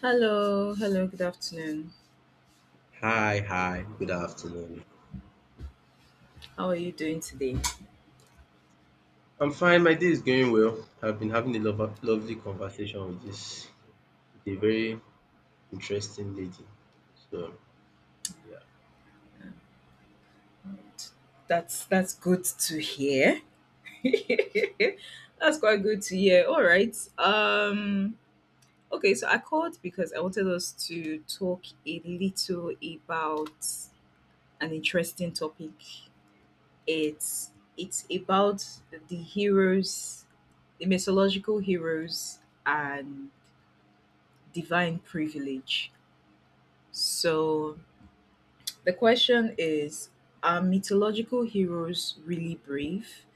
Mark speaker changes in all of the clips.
Speaker 1: Hello, hello, good afternoon.
Speaker 2: Hi, hi, good afternoon.
Speaker 1: How are you doing today?
Speaker 2: I'm fine. My day is going well. I've been having a lovely conversation with this, with a very interesting lady. So yeah.
Speaker 1: That's good to hear. That's quite good to hear. All right. Okay, so I called because I wanted us to talk a little about an interesting topic. It's it's about the heroes, the mythological heroes and divine privilege. So the question is, are mythological heroes really brave,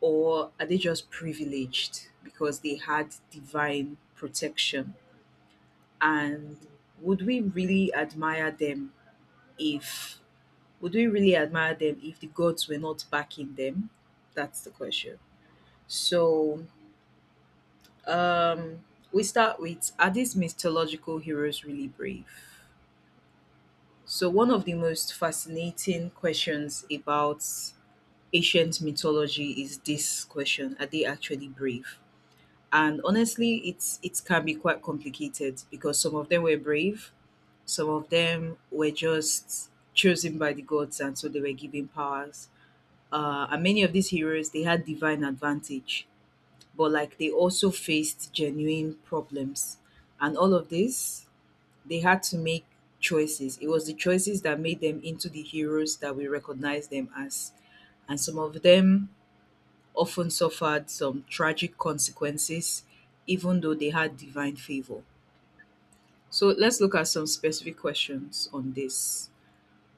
Speaker 1: or are they just privileged because they had divine protection? And would we really admire them if would we really admire them if the gods were not backing them? That's the question. So, um, we start with, are these mythological heroes really brave? So, one of the most fascinating questions about ancient mythology is this question, are they actually brave? And honestly, it can be quite complicated because some of them were brave, some of them were just chosen by the gods and so they were given powers, and many of these heroes, they had divine advantage, but like they also faced genuine problems. And all of this, they had to make choices. It was the choices that made them into the heroes that we recognize them as. And some of them often suffered some tragic consequences, even though they had divine favor. So let's look at some specific questions on this.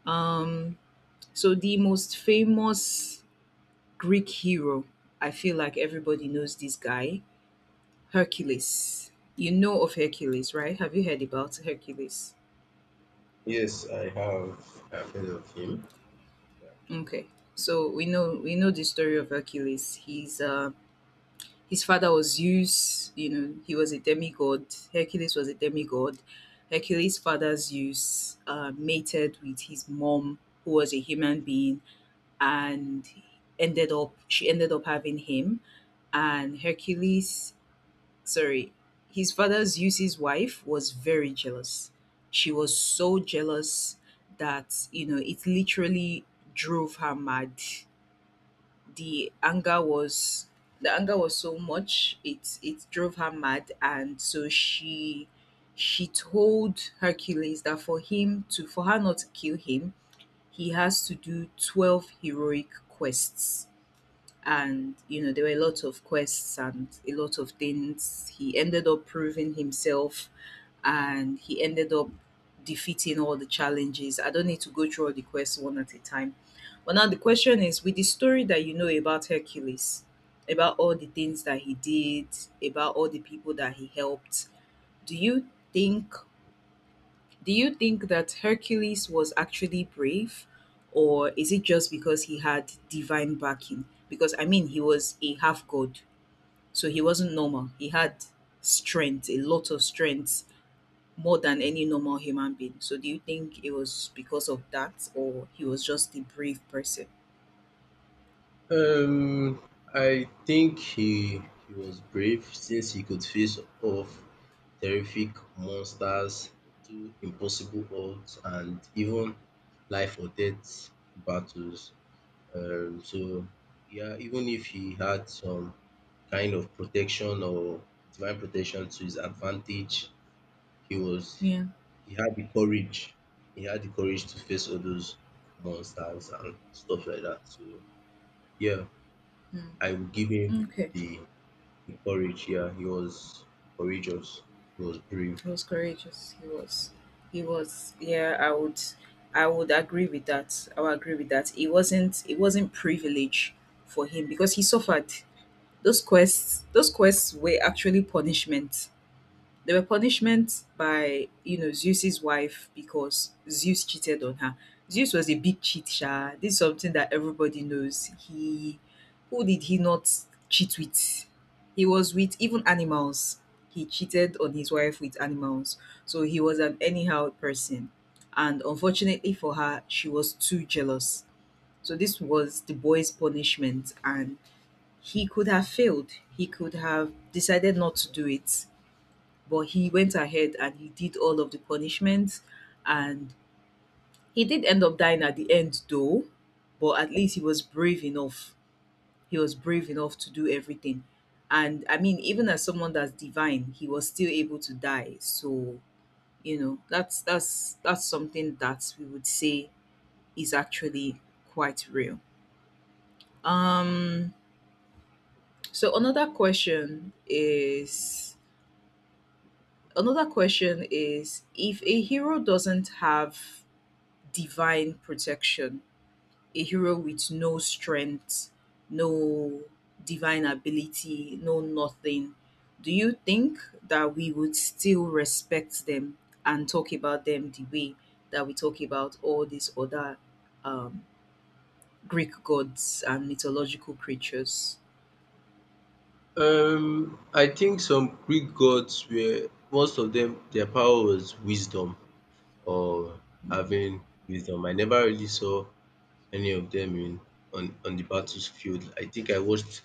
Speaker 1: Um, so the most famous Greek hero, I feel like everybody knows this guy, Hercules. You know of Hercules, right? Have you heard about Hercules?
Speaker 2: Yes, I have, I've heard of him.
Speaker 1: Okay. So we know the story of Hercules. He's His father was Zeus, you know, he was a demigod. Hercules was a demigod. Hercules' father Zeus mated with his mom, who was a human being, and ended up she ended up having him. And Hercules, sorry, his father Zeus's wife was very jealous. She was so jealous that, you know, it literally drove her mad. the anger was the anger was so much, it drove her mad, and so she told Hercules that for him to, for her not to kill him, he has to do 12 heroic quests. And you know, there were a lot of quests and a lot of things, he ended up proving himself, and he ended up defeating all the challenges. I don't need to go through all the quests one at a time. But now the question is, with the story that you know about Hercules, about all the things that he did, about all the people that he helped, do you think, that Hercules was actually brave, or is it just because he had divine backing? Because I mean, he was a half god, so he wasn't normal. He had strength, a lot of strength, more than any
Speaker 2: Mm.
Speaker 1: normal human being. So do you think it was because of that, or he was just a brave person?
Speaker 2: um, I think he was brave since he could face off terrific monsters, do impossible odds, and even life or death battles. So yeah, even if he had some kind of protection or divine protection to his advantage, he was,
Speaker 1: Yeah.
Speaker 2: he had the courage. He had the courage to face all those monsters and stuff like that. So yeah, I
Speaker 1: Mm.
Speaker 2: would give him
Speaker 1: Okay.
Speaker 2: the, the courage. Yeah, he was courageous. He was brave.
Speaker 1: He was courageous. He was. He was, yeah, I would, agree with that. I would agree with that. It wasn't privilege for him because he suffered. Those quests were actually punishment. They were punishment by, you know, Zeus's wife because Zeus cheated on her. Zeus was a big cheat, sha. This is something that everybody knows. He, who did he not cheat with? He was with even animals. He cheated on his wife with animals. So he was an anyhow person. And unfortunately for her, she was too jealous. So this was the boy's punishment. And he could have failed. He could have decided not to do it, but he went ahead and he did all of the punishments, and he did end up dying at the end, though. But at least he was brave enough. He was brave enough to do everything. And I mean, even as someone that's divine, he was still able to die. So, you know, that's that's something that we would say is actually quite real. Um so another question is, if a hero doesn't have divine protection, a hero with no strength, no divine ability, no nothing, do you think that we would still respect them and talk about them the way that we talk about all these other um, Greek gods and mythological creatures?
Speaker 2: I think some Greek gods were, most of them their power was wisdom or
Speaker 1: Mm.
Speaker 2: having wisdom. I never really saw any of them in, on the battlefield. I think I watched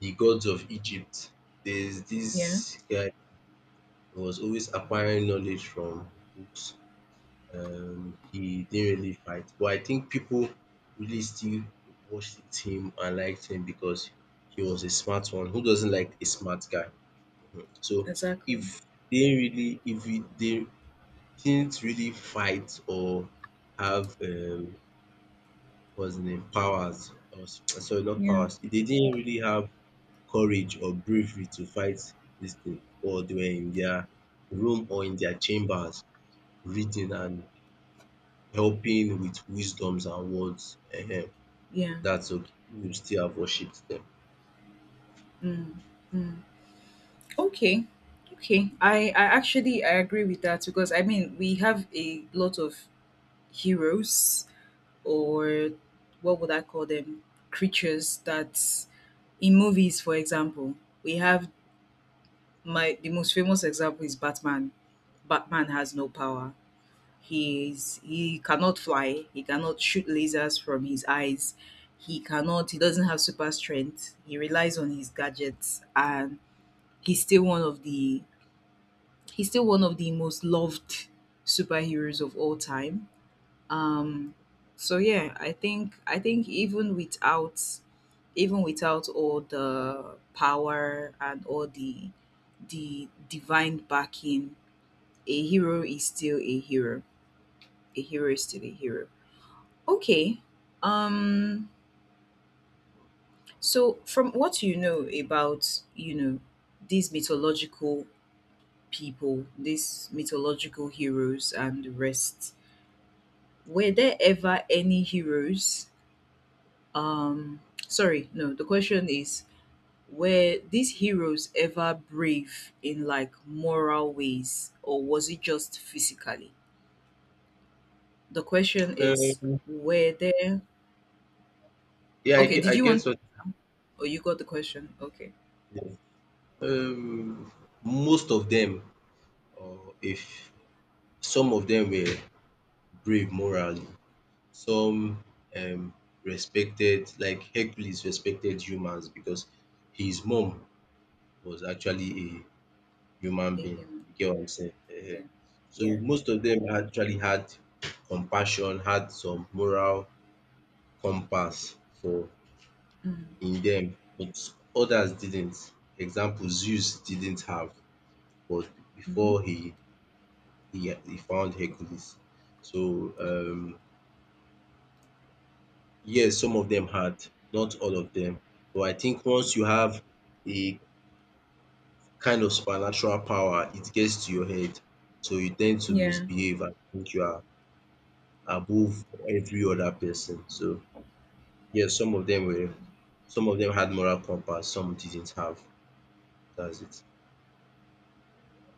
Speaker 2: The Gods of Egypt. There's
Speaker 1: Yeah,
Speaker 2: this guy who was always acquiring knowledge from books. He didn't really fight, but I think people really still watched him and liked him because he was a smart one. Who doesn't like a smart guy? Mhm. So
Speaker 1: exactly.
Speaker 2: if they really, if he- they didn't really fight or have was named Powers, or sorry, not
Speaker 1: Yeah,
Speaker 2: Powers. They didn't really have courage or bravery to fight this thing, or they were in their room or in their chambers reading and helping with wisdoms and words. Ehen,
Speaker 1: yeah.
Speaker 2: that's okay. We will still have worshipped them.
Speaker 1: Mm, mm. Okay, okay. I agree with that because I mean we have a lot of heroes, or what would I call them? Creatures that in movies, for example, we have, my the most famous example is Batman. Batman has no power. He cannot fly. He cannot shoot lasers from his eyes. He cannot. He doesn't have super strength. He relies on his gadgets, and he's still one of the he's still one of the most loved superheroes of all time. um so yeah, I think even without, all the power and all the divine backing, a hero is still a hero a hero is still a hero. Okay. um so from what you know about, you know, these mythological people, these mythological heroes and the rest, were there ever any heroes Um, sorry, no, the question is, were these heroes ever brave in like moral ways, or was it just physically? The question is,
Speaker 2: Um,
Speaker 1: were there,
Speaker 2: yeah,
Speaker 1: okay, did
Speaker 2: I
Speaker 1: you
Speaker 2: get
Speaker 1: want,
Speaker 2: what
Speaker 1: oh, you got the question. Okay.
Speaker 2: you mean. um, Most of them, or if some of them were brave morally, some um respected, like Hercules respected humans because his mom was actually a human
Speaker 1: The
Speaker 2: being.
Speaker 1: human.
Speaker 2: You get what I'm saying?
Speaker 1: Yeah.
Speaker 2: Ehen. So
Speaker 1: Yeah.
Speaker 2: most of them actually had compassion, had some moral compass for,
Speaker 1: Mm.
Speaker 2: in them, but others didn't. Example, Zeus didn't have, but
Speaker 1: Hmm.
Speaker 2: before he he found Hercules. So um Yes, some of them had, not all of them. But I think once you have a kind of supernatural power, it gets to your head. So you tend to
Speaker 1: Yeah.
Speaker 2: misbehave and think you are above every other person. So yes, some of them were, some of them had moral compass, some didn't have. That's it.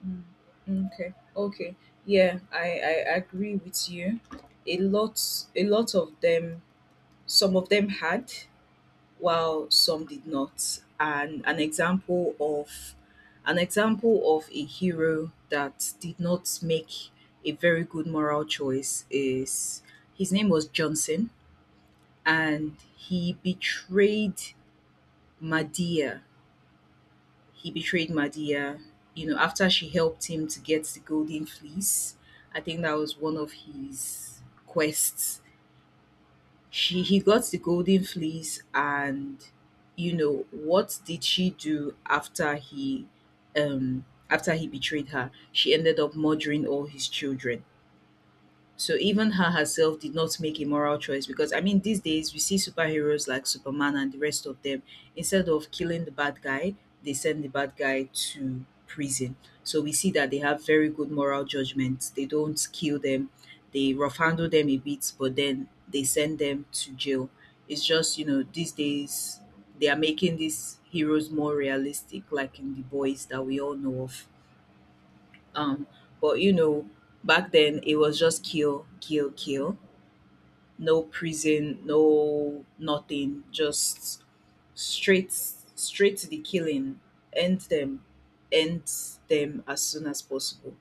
Speaker 1: Mm. Mm. Okay. Okay. Yeah, I agree with you. A lot, a lot of them some of them had, while some did not. And an example of a hero that did not make a very good moral choice is, his name was Johnson, and he betrayed Medea. He betrayed Medea, you know, after she helped him to get the golden fleece. I think that was one of his quests. She He got the golden fleece, and you know, what did she do? After he, um after he betrayed her, she ended up murdering all his children. So even her herself did not make a moral choice, because I mean, these days we see superheroes like Superman and the rest of them, instead of killing the bad guy, they send the bad guy to prison. So we see that they have very good moral judgments. They don't kill them, they rough handle them a bit, but then they send them to jail. It's just, you know, these days they are making these heroes more realistic, like in The Boys that we all know of. Um, but you know, back then it was just kill, kill, kill. No prison, no nothing. Just straight, straight to the killing. End them, end them as soon as possible.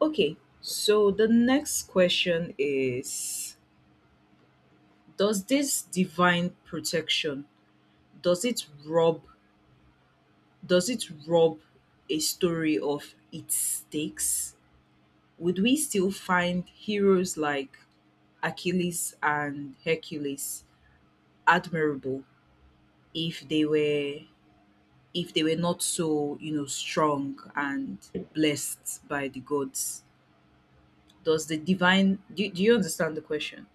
Speaker 1: Okay, so the next question is, does this divine protection, does it rob, does it rob a story of its stakes? Would we still find heroes like Achilles and Hercules admirable if they were, not so, you know, strong and blessed by the gods. Does the divine, do, do you understand the question?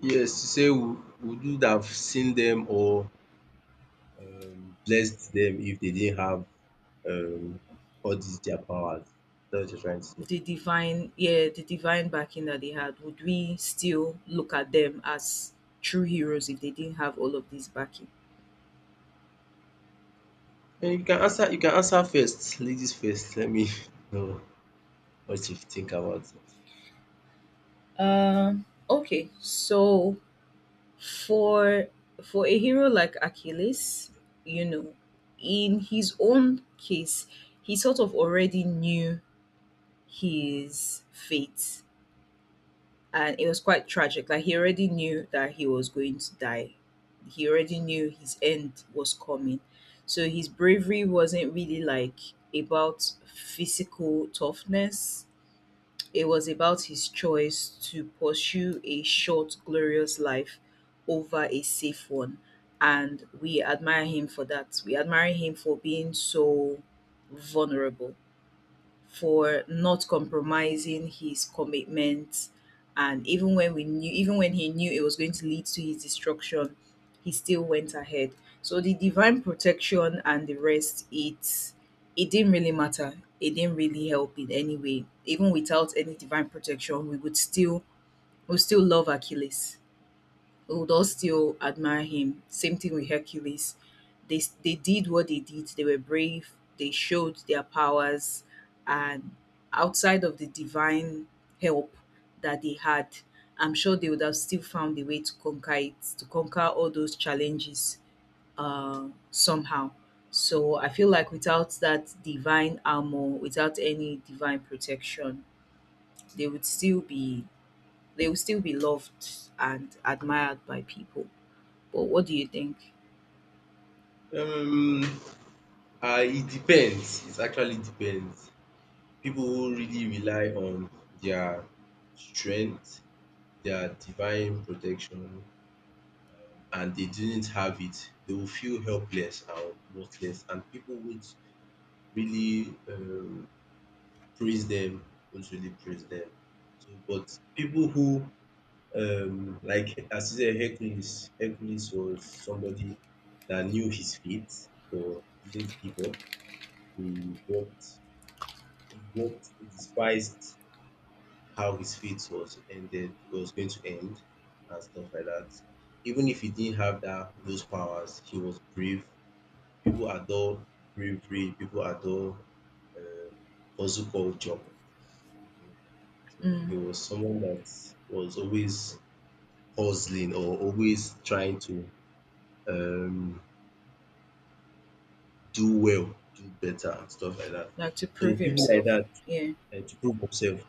Speaker 2: Yes, to say we would have seen them or blessed them if they didn't have um, all these their powers. That's what you're trying to say.
Speaker 1: The divine, yeah, the divine backing that they had, would we still look at them as true heroes if they didn't have all of this backing?
Speaker 2: You can answer, you can answer first, ladies first. Let me know what you think about
Speaker 1: Okay, so for, a hero like Achilles, you know, in his own case, he sort of already knew his fate, and it was quite tragic. Like he already knew that he was going to die. He already knew his end was coming. So his bravery wasn't really like about physical toughness, it was about his choice to pursue a short, glorious life over a safe one. And we admire him for that. We admire him for being so vulnerable, for not compromising his commitment. And even when he knew it was going to lead to his destruction, he still went ahead. So the divine protection and the rest, it didn't really matter. It didn't really help in any way. Even without any divine protection, we would still love Achilles. We would all still admire him. Same thing with Hercules. They they did what they did. They were brave. They showed their powers, and outside of the divine help that they had, I'm sure they would have still found a way to conquer it, to conquer all those challenges somehow. So I feel like without that divine armor, without any divine protection, they would still be they would still be loved and admired by people. But what do you think?
Speaker 2: it. It depends, it actually depends. People who really rely on their strength, their divine protection, and they didn't have it, they will feel helpless and worthless, and people won't really praise them, won't really praise them. So, but people who like, as you said, Hercules was somebody that knew his fate but didn't give up. He worked he worked he despised how his fate was going to end and stuff like that. Even if he didn't have that, those powers, he was brave. People adore bravery, people adore um hustle culture. Mhm. So
Speaker 1: Mm,
Speaker 2: he was someone that was always hustling or always trying to um, do well, do better, and stuff like that.
Speaker 1: like to
Speaker 2: So
Speaker 1: prove
Speaker 2: people like
Speaker 1: himself.
Speaker 2: that,
Speaker 1: Yeah,
Speaker 2: eh, to prove themselves,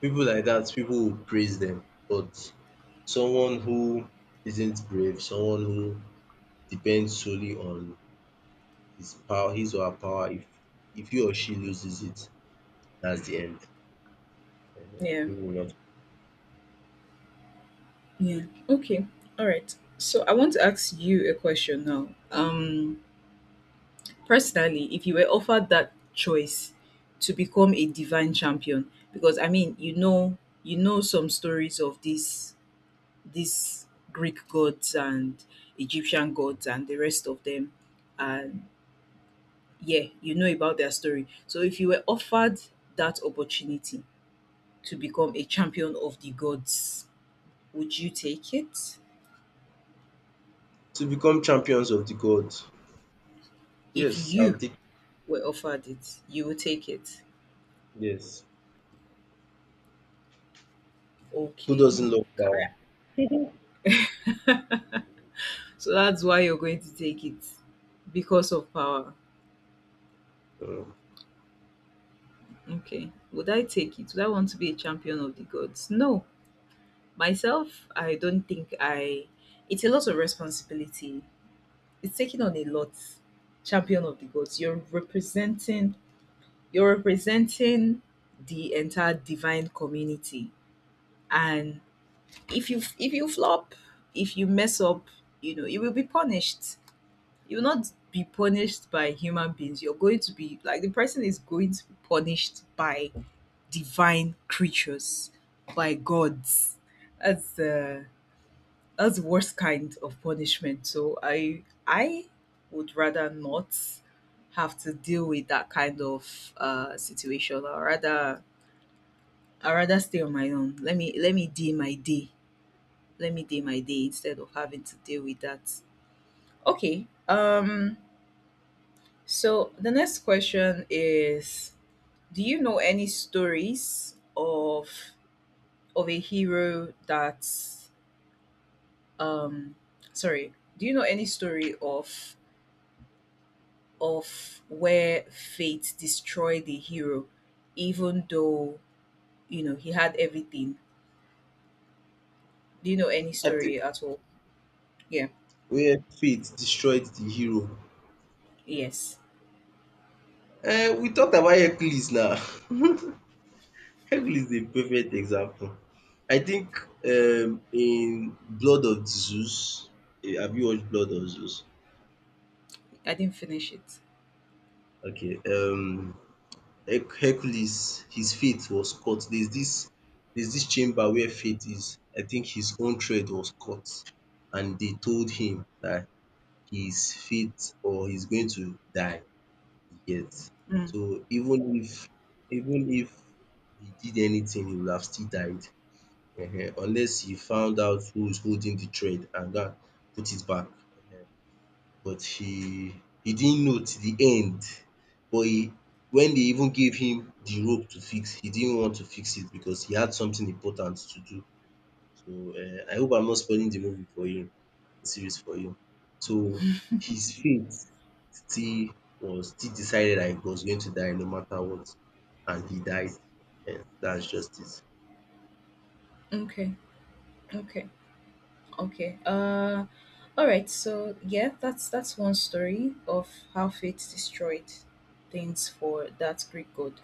Speaker 2: people like that, people will praise them. But someone who isn't brave, someone who depends solely on his power, his or her power, if he or she loses it, that's the end. Eh,
Speaker 1: yeah,
Speaker 2: people will not.
Speaker 1: yeah. Okay, all right. So I want to ask you a question now. Personally, if you were offered that choice to become a divine champion, because I mean, you know some stories of these, Greek gods and Egyptian gods and the rest of them, and yeah, you know about their story. So if you were offered that opportunity to become a champion of the gods, would you take it?
Speaker 2: To become champions of the god.
Speaker 1: If
Speaker 2: Yes, I
Speaker 1: you
Speaker 2: think
Speaker 1: were offered it, you would take it.
Speaker 2: yes. Who
Speaker 1: Okay.
Speaker 2: doesn't love power?
Speaker 1: So that's why you're going to take it because of power.
Speaker 2: Um,
Speaker 1: Okay. Would I take it? Would I want to be a champion of the gods? No. Myself, I don't think I. It's a lot of responsibility. It's taking on a lot. Champion of the gods. You're representing. You're representing the entire divine community, and if you flop, if you mess up, you know you will be punished. You will not be punished by human beings. You're going to be like the person is going to be punished by divine creatures, by gods. that's the that's the worst kind of punishment, so I would rather not have to deal with that kind of situation. I rather stay on my own. Let me do my day. Let me day my day instead of having to deal with that. Okay. So the next question is, do you know any stories of a hero that um sorry, do you know any story of where fate destroyed the hero even though, you know, he had everything? Do you know any
Speaker 2: I think
Speaker 1: story at all? Yeah.
Speaker 2: where faith destroyed the hero,
Speaker 1: Yes.
Speaker 2: eh, we talked about Hercules now. Hercules is a perfect example. I think in Blood of Zeus, eh, have you watched Blood of Zeus?
Speaker 1: I didn't finish it.
Speaker 2: Okay. Hercules, his fate was cut. There's this chamber where fate is. I think his own thread was cut and they told him that his fate, or he's going to die. Yes.
Speaker 1: Mm.
Speaker 2: So even if he did anything, he would have still died. Ehen. Unless he found out who is holding the thread and that put it back. But he didn't know till the end. But he, when they even gave him the rope to fix, he didn't want to fix it because he had something important to do. I hope I'm not spoiling the movie for you, the series for you. So his fate still was still decided that he was going to die no matter what, and he died. That's just it.
Speaker 1: Okay. Okay. Okay. All right. So yeah, that's one story of how fate destroyed things for that Greek god.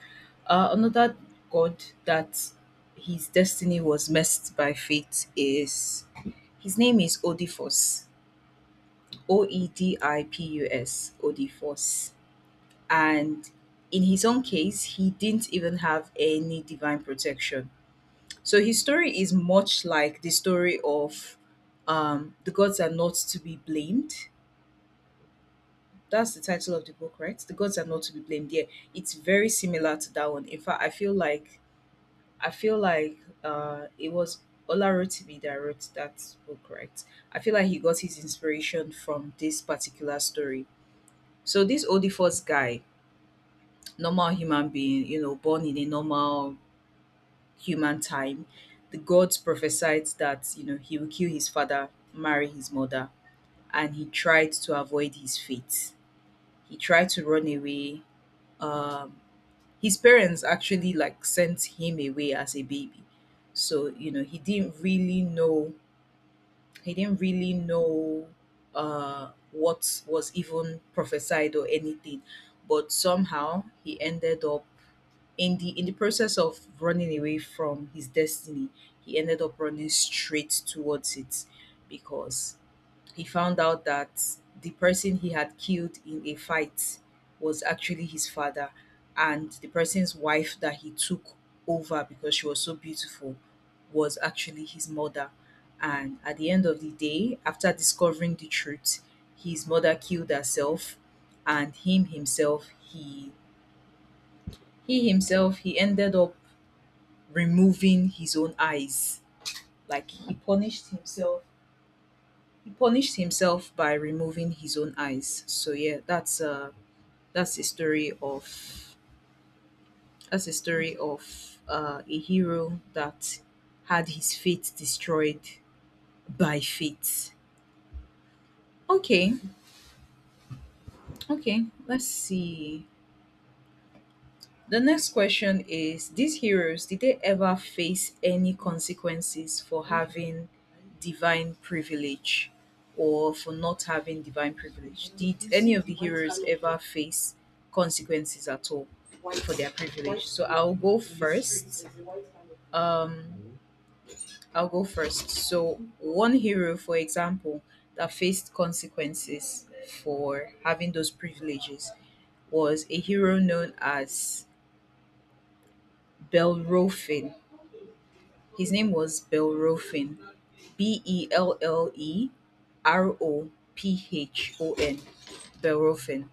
Speaker 1: Another god that his destiny was messed by fate is his name is Odysseus. Oedipus. Odysseus. And in his own case, he didn't even have any divine protection, so his story is much like the story of The Gods Are Not to Be Blamed. That's the title of the book, right? The Gods Are Not to Be Blamed. Yeah, it's very similar to that one. In fact, I feel like it was Olarotibi that wrote that book, right? I feel like he got his inspiration from this particular story. So this Odifos guy, normal human being, you know, born in a normal human time, the gods prophesied that, you know, he will kill his father, marry his mother, and he tried to avoid his fate. He tried to run away. Um, his parents actually like sent him away as a baby, so you know he didn't really know. He didn't really know what was even prophesied or anything, but somehow he ended up in the process of running away from his destiny, he ended up running straight towards it because he found out that the person he had killed in a fight was actually his father, and the person's wife that he took over because she was so beautiful was actually his mother. And at the end of the day, after discovering the truth, his mother killed herself, and him himself, he himself, he ended up removing his own eyes. Like he punished himself. He punished himself by removing his own eyes. So yeah, that's that's a story of that's a story of a hero that had his fate destroyed by fate. Okay, okay, let's see. The next question is: these heroes, did they ever face any consequences for having divine privilege or for not having divine privilege? Did any of the heroes ever face consequences at all for their privilege? So I'll go first. I'll go first. So, one hero, for example, that faced consequences for having those privileges was a hero known as Belrofin. His name was Bellerophon, B E L L E R O P H O N, Bellerophon.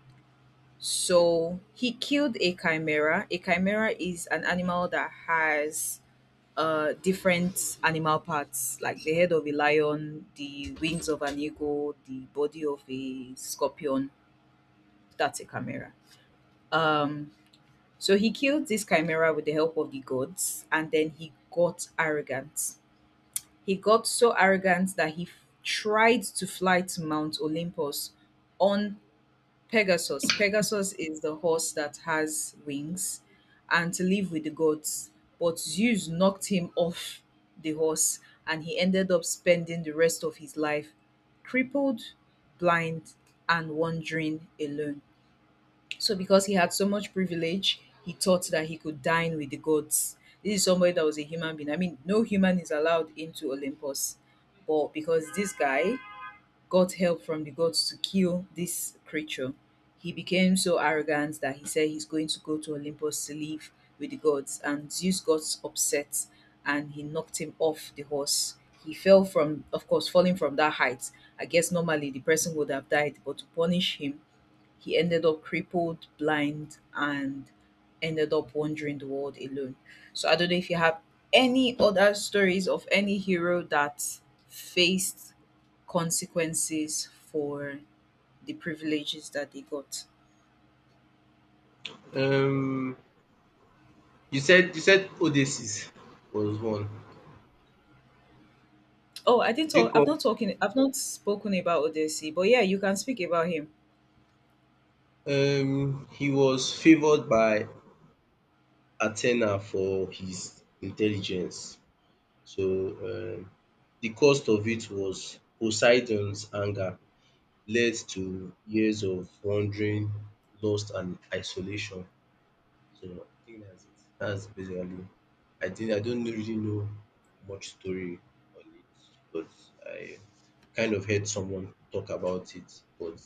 Speaker 1: So he killed a chimera. A chimera is an animal that has different animal parts, like the head of a lion, the wings of an eagle, the body of a scorpion. That's a chimera. Um, so he killed this chimera with the help of the gods, and then he got arrogant. He got so arrogant that he tried to fly to Mount Olympus on Pegasus. Pegasus is the horse that has wings, and to live with the gods. But Zeus knocked him off the horse, and he ended up spending the rest of his life crippled, blind, and wandering alone. So because he had so much privilege, he thought that he could dine with the gods. This is somebody that was a human being. I mean, no human is allowed into Olympus. But because this guy got help from the gods to kill this creature, he became so arrogant that he said he's going to go to Olympus to live with the gods. And Zeus got upset and he knocked him off the horse. He fell from, of course, falling from that height. I guess normally the person would have died, but to punish him, he ended up crippled, blind, and ended up wandering the world alone. So I don't know if you have any other stories of any hero that faced consequences for the privileges that they got.
Speaker 2: Um, you said Odysseus was one.
Speaker 1: Oh, I didn't
Speaker 2: Did you
Speaker 1: talk. I've
Speaker 2: call?
Speaker 1: not talking. I've not spoken about Odessi, but yeah, you can speak about him.
Speaker 2: He was favoured by Athena for his intelligence. So um the cost of it was Poseidon's anger, led to years of wandering, lost, and isolation. So I think that's it. That's basically. I think I don't really know much story on it, but I kind of heard someone talk about it. But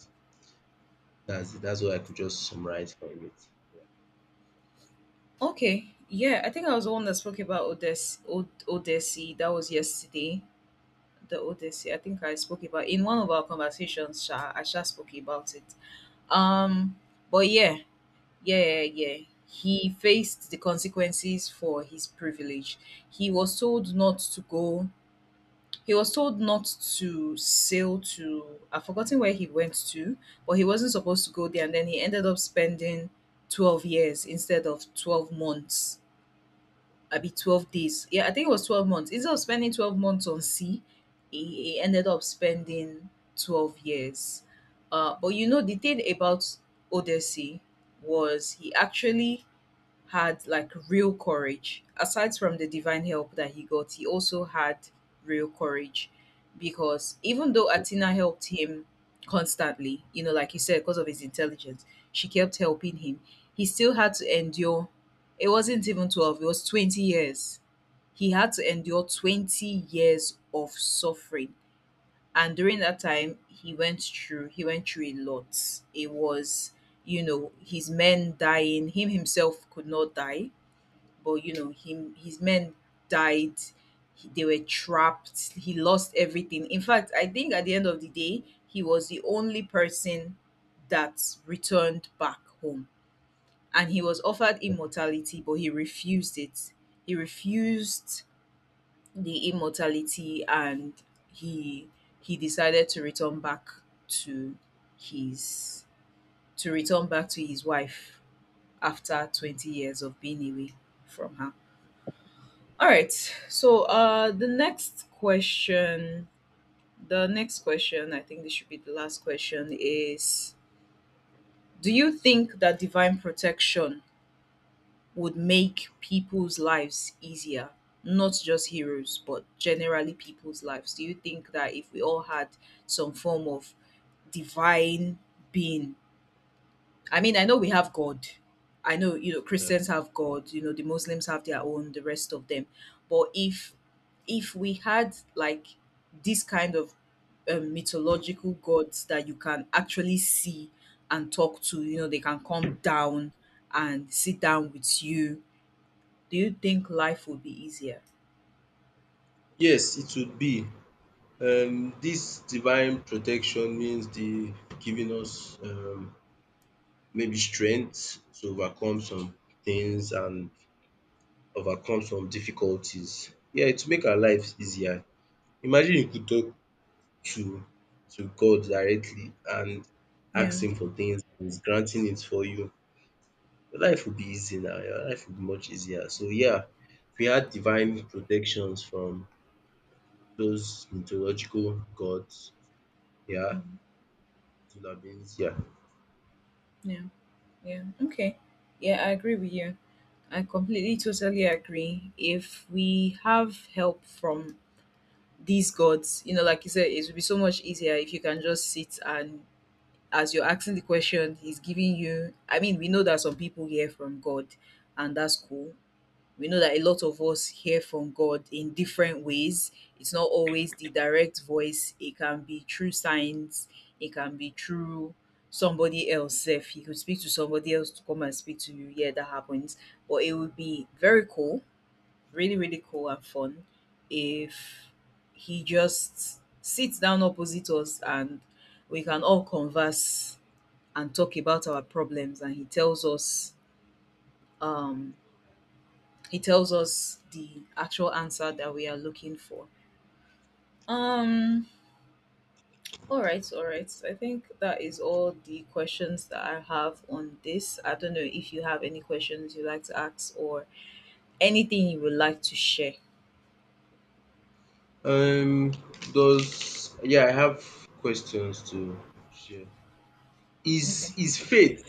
Speaker 2: that's it. That's what I could just summarize from it.
Speaker 1: Okay, yeah, I think I was the one that spoke about Odessi. That was yesterday. The Odyssey. I think I spoke about in one of our conversations. Sha, I sha spoke about it. Um, but yeah, yeah, yeah. He faced the consequences for his privilege. He was told not to go. He was told not to sail to. I've forgotten where he went to, but he wasn't supposed to go there. And then he ended up spending 12 years instead of 12 months. I be 12 days. Yeah, I think it was 12 months. Instead of spending 12 months on sea, he ended up spending 12 years. But you know, the thing about Odyssey was he actually had like real courage. Aside from the divine help that he got, he also had real courage because even though Athena helped him constantly, you know, like you said, because of his intelligence, she kept helping him. He still had to endure. It wasn't even 12, it was 20 years. He had to endure 20 years of suffering, and during that time he went through a lot. It was, you know, his men dying, him himself could not die, but you know him, his men died. They were trapped. He lost everything. In fact, I think at the end of the day he was the only person that returned back home, and he was offered immortality, but he refused it. He refused the immortality, and he he decided to return back to his to return back to his wife after 20 years of being away from her. All right, so the next question, I think this should be the last question is, do you think that divine protection would make people's lives easier, not just heroes but generally people's lives? Do you think that if we all had some form of divine being? I mean, I know we have God. I know, you know,
Speaker 2: Yeah.
Speaker 1: Christians have God, you know, the Muslims have their own, the rest of them, but if we had like this kind of mythological gods that you can actually see and talk to, you know, they can come down and sit down with you, do you think life would be easier?
Speaker 2: Yes, it would be. This divine protection means the giving us maybe strength to overcome some things and overcome some difficulties. Yeah, it will make our lives easier. Imagine you could talk to to God directly and
Speaker 1: Yeah,
Speaker 2: ask him for things and he's granting it for you. Your life will be easy now. Your life will be much easier. So yeah, if we had divine protections from those mythological gods, yeah,
Speaker 1: mm,
Speaker 2: it would have been easier.
Speaker 1: yeah, yeah. Okay. Yeah, I agree with you. I completely, totally agree. If we have help from these gods, you know, like you said, it would be so much easier. If you can just sit and, as you're asking the question, He's giving you. I mean, we know that some people hear from God, and that's cool. We know that a lot of us hear from God in different ways. It's not always the direct voice, it can be through signs, it can be through somebody else. If He could speak to somebody else to come and speak to you, yeah, that happens. But it would be very cool, really, really cool and fun if He just sits down opposite us and we can all converse and talk about our problems and He tells us um it tells us the actual answer that we are looking for. Um all right, all right. I think that is all the questions that I have on this. I don't know if you have any questions you'd like to ask or anything you would like to share.
Speaker 2: Um does, yeah, I have questions to share. Is
Speaker 1: Okay.
Speaker 2: is faith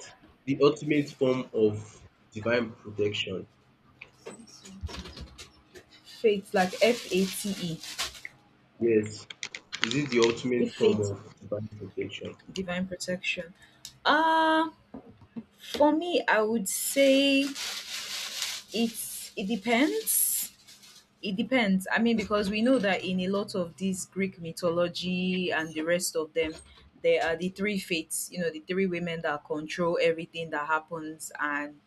Speaker 2: the ultimate form of divine protection?
Speaker 1: Faith, like fate.
Speaker 2: Yes, is it the ultimate
Speaker 1: If
Speaker 2: form
Speaker 1: faith,
Speaker 2: of divine protection?
Speaker 1: divine protection. Uh, for me, I would say it's it depends. It depends. I mean, because we know that in a lot of this Greek mythology and the rest of them, there are the three fates, you know, the three women that control everything that happens, and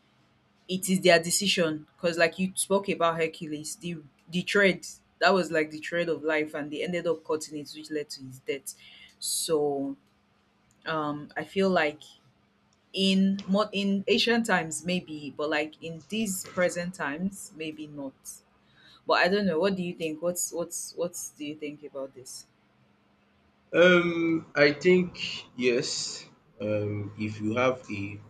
Speaker 1: it is their decision. Because, like you spoke about Hercules, the thread, that was like the thread of life, and they ended up cutting it, which led to his death. So, I feel like in ancient times maybe, but like in these present times maybe not, but I don't know. What do you think? What's what do you think about this?
Speaker 2: I think yes. If you have a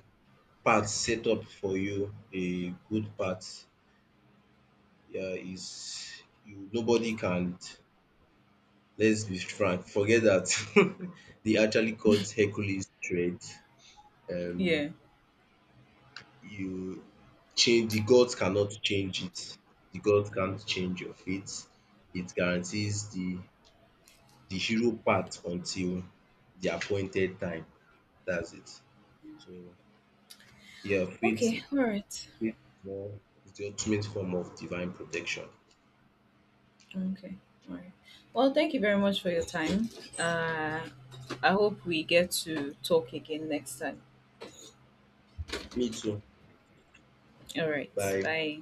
Speaker 2: path set up for you, a good path, yeah, is, you, nobody can. Let's be frank. Forget that they actually caught Hercules' thread. Um,
Speaker 1: Yeah.
Speaker 2: you change, the gods cannot change it. The gods can't change your fate. It guarantees the hero part until the appointed time. That's it. So yeah, faith
Speaker 1: Okay. All right.
Speaker 2: faith is one, is the ultimate form of divine protection.
Speaker 1: Okay. All right. Well, thank you very much for your time. Uh, I hope we get to talk again next time.
Speaker 2: Me too.
Speaker 1: All right.
Speaker 2: Bye.
Speaker 1: Bye.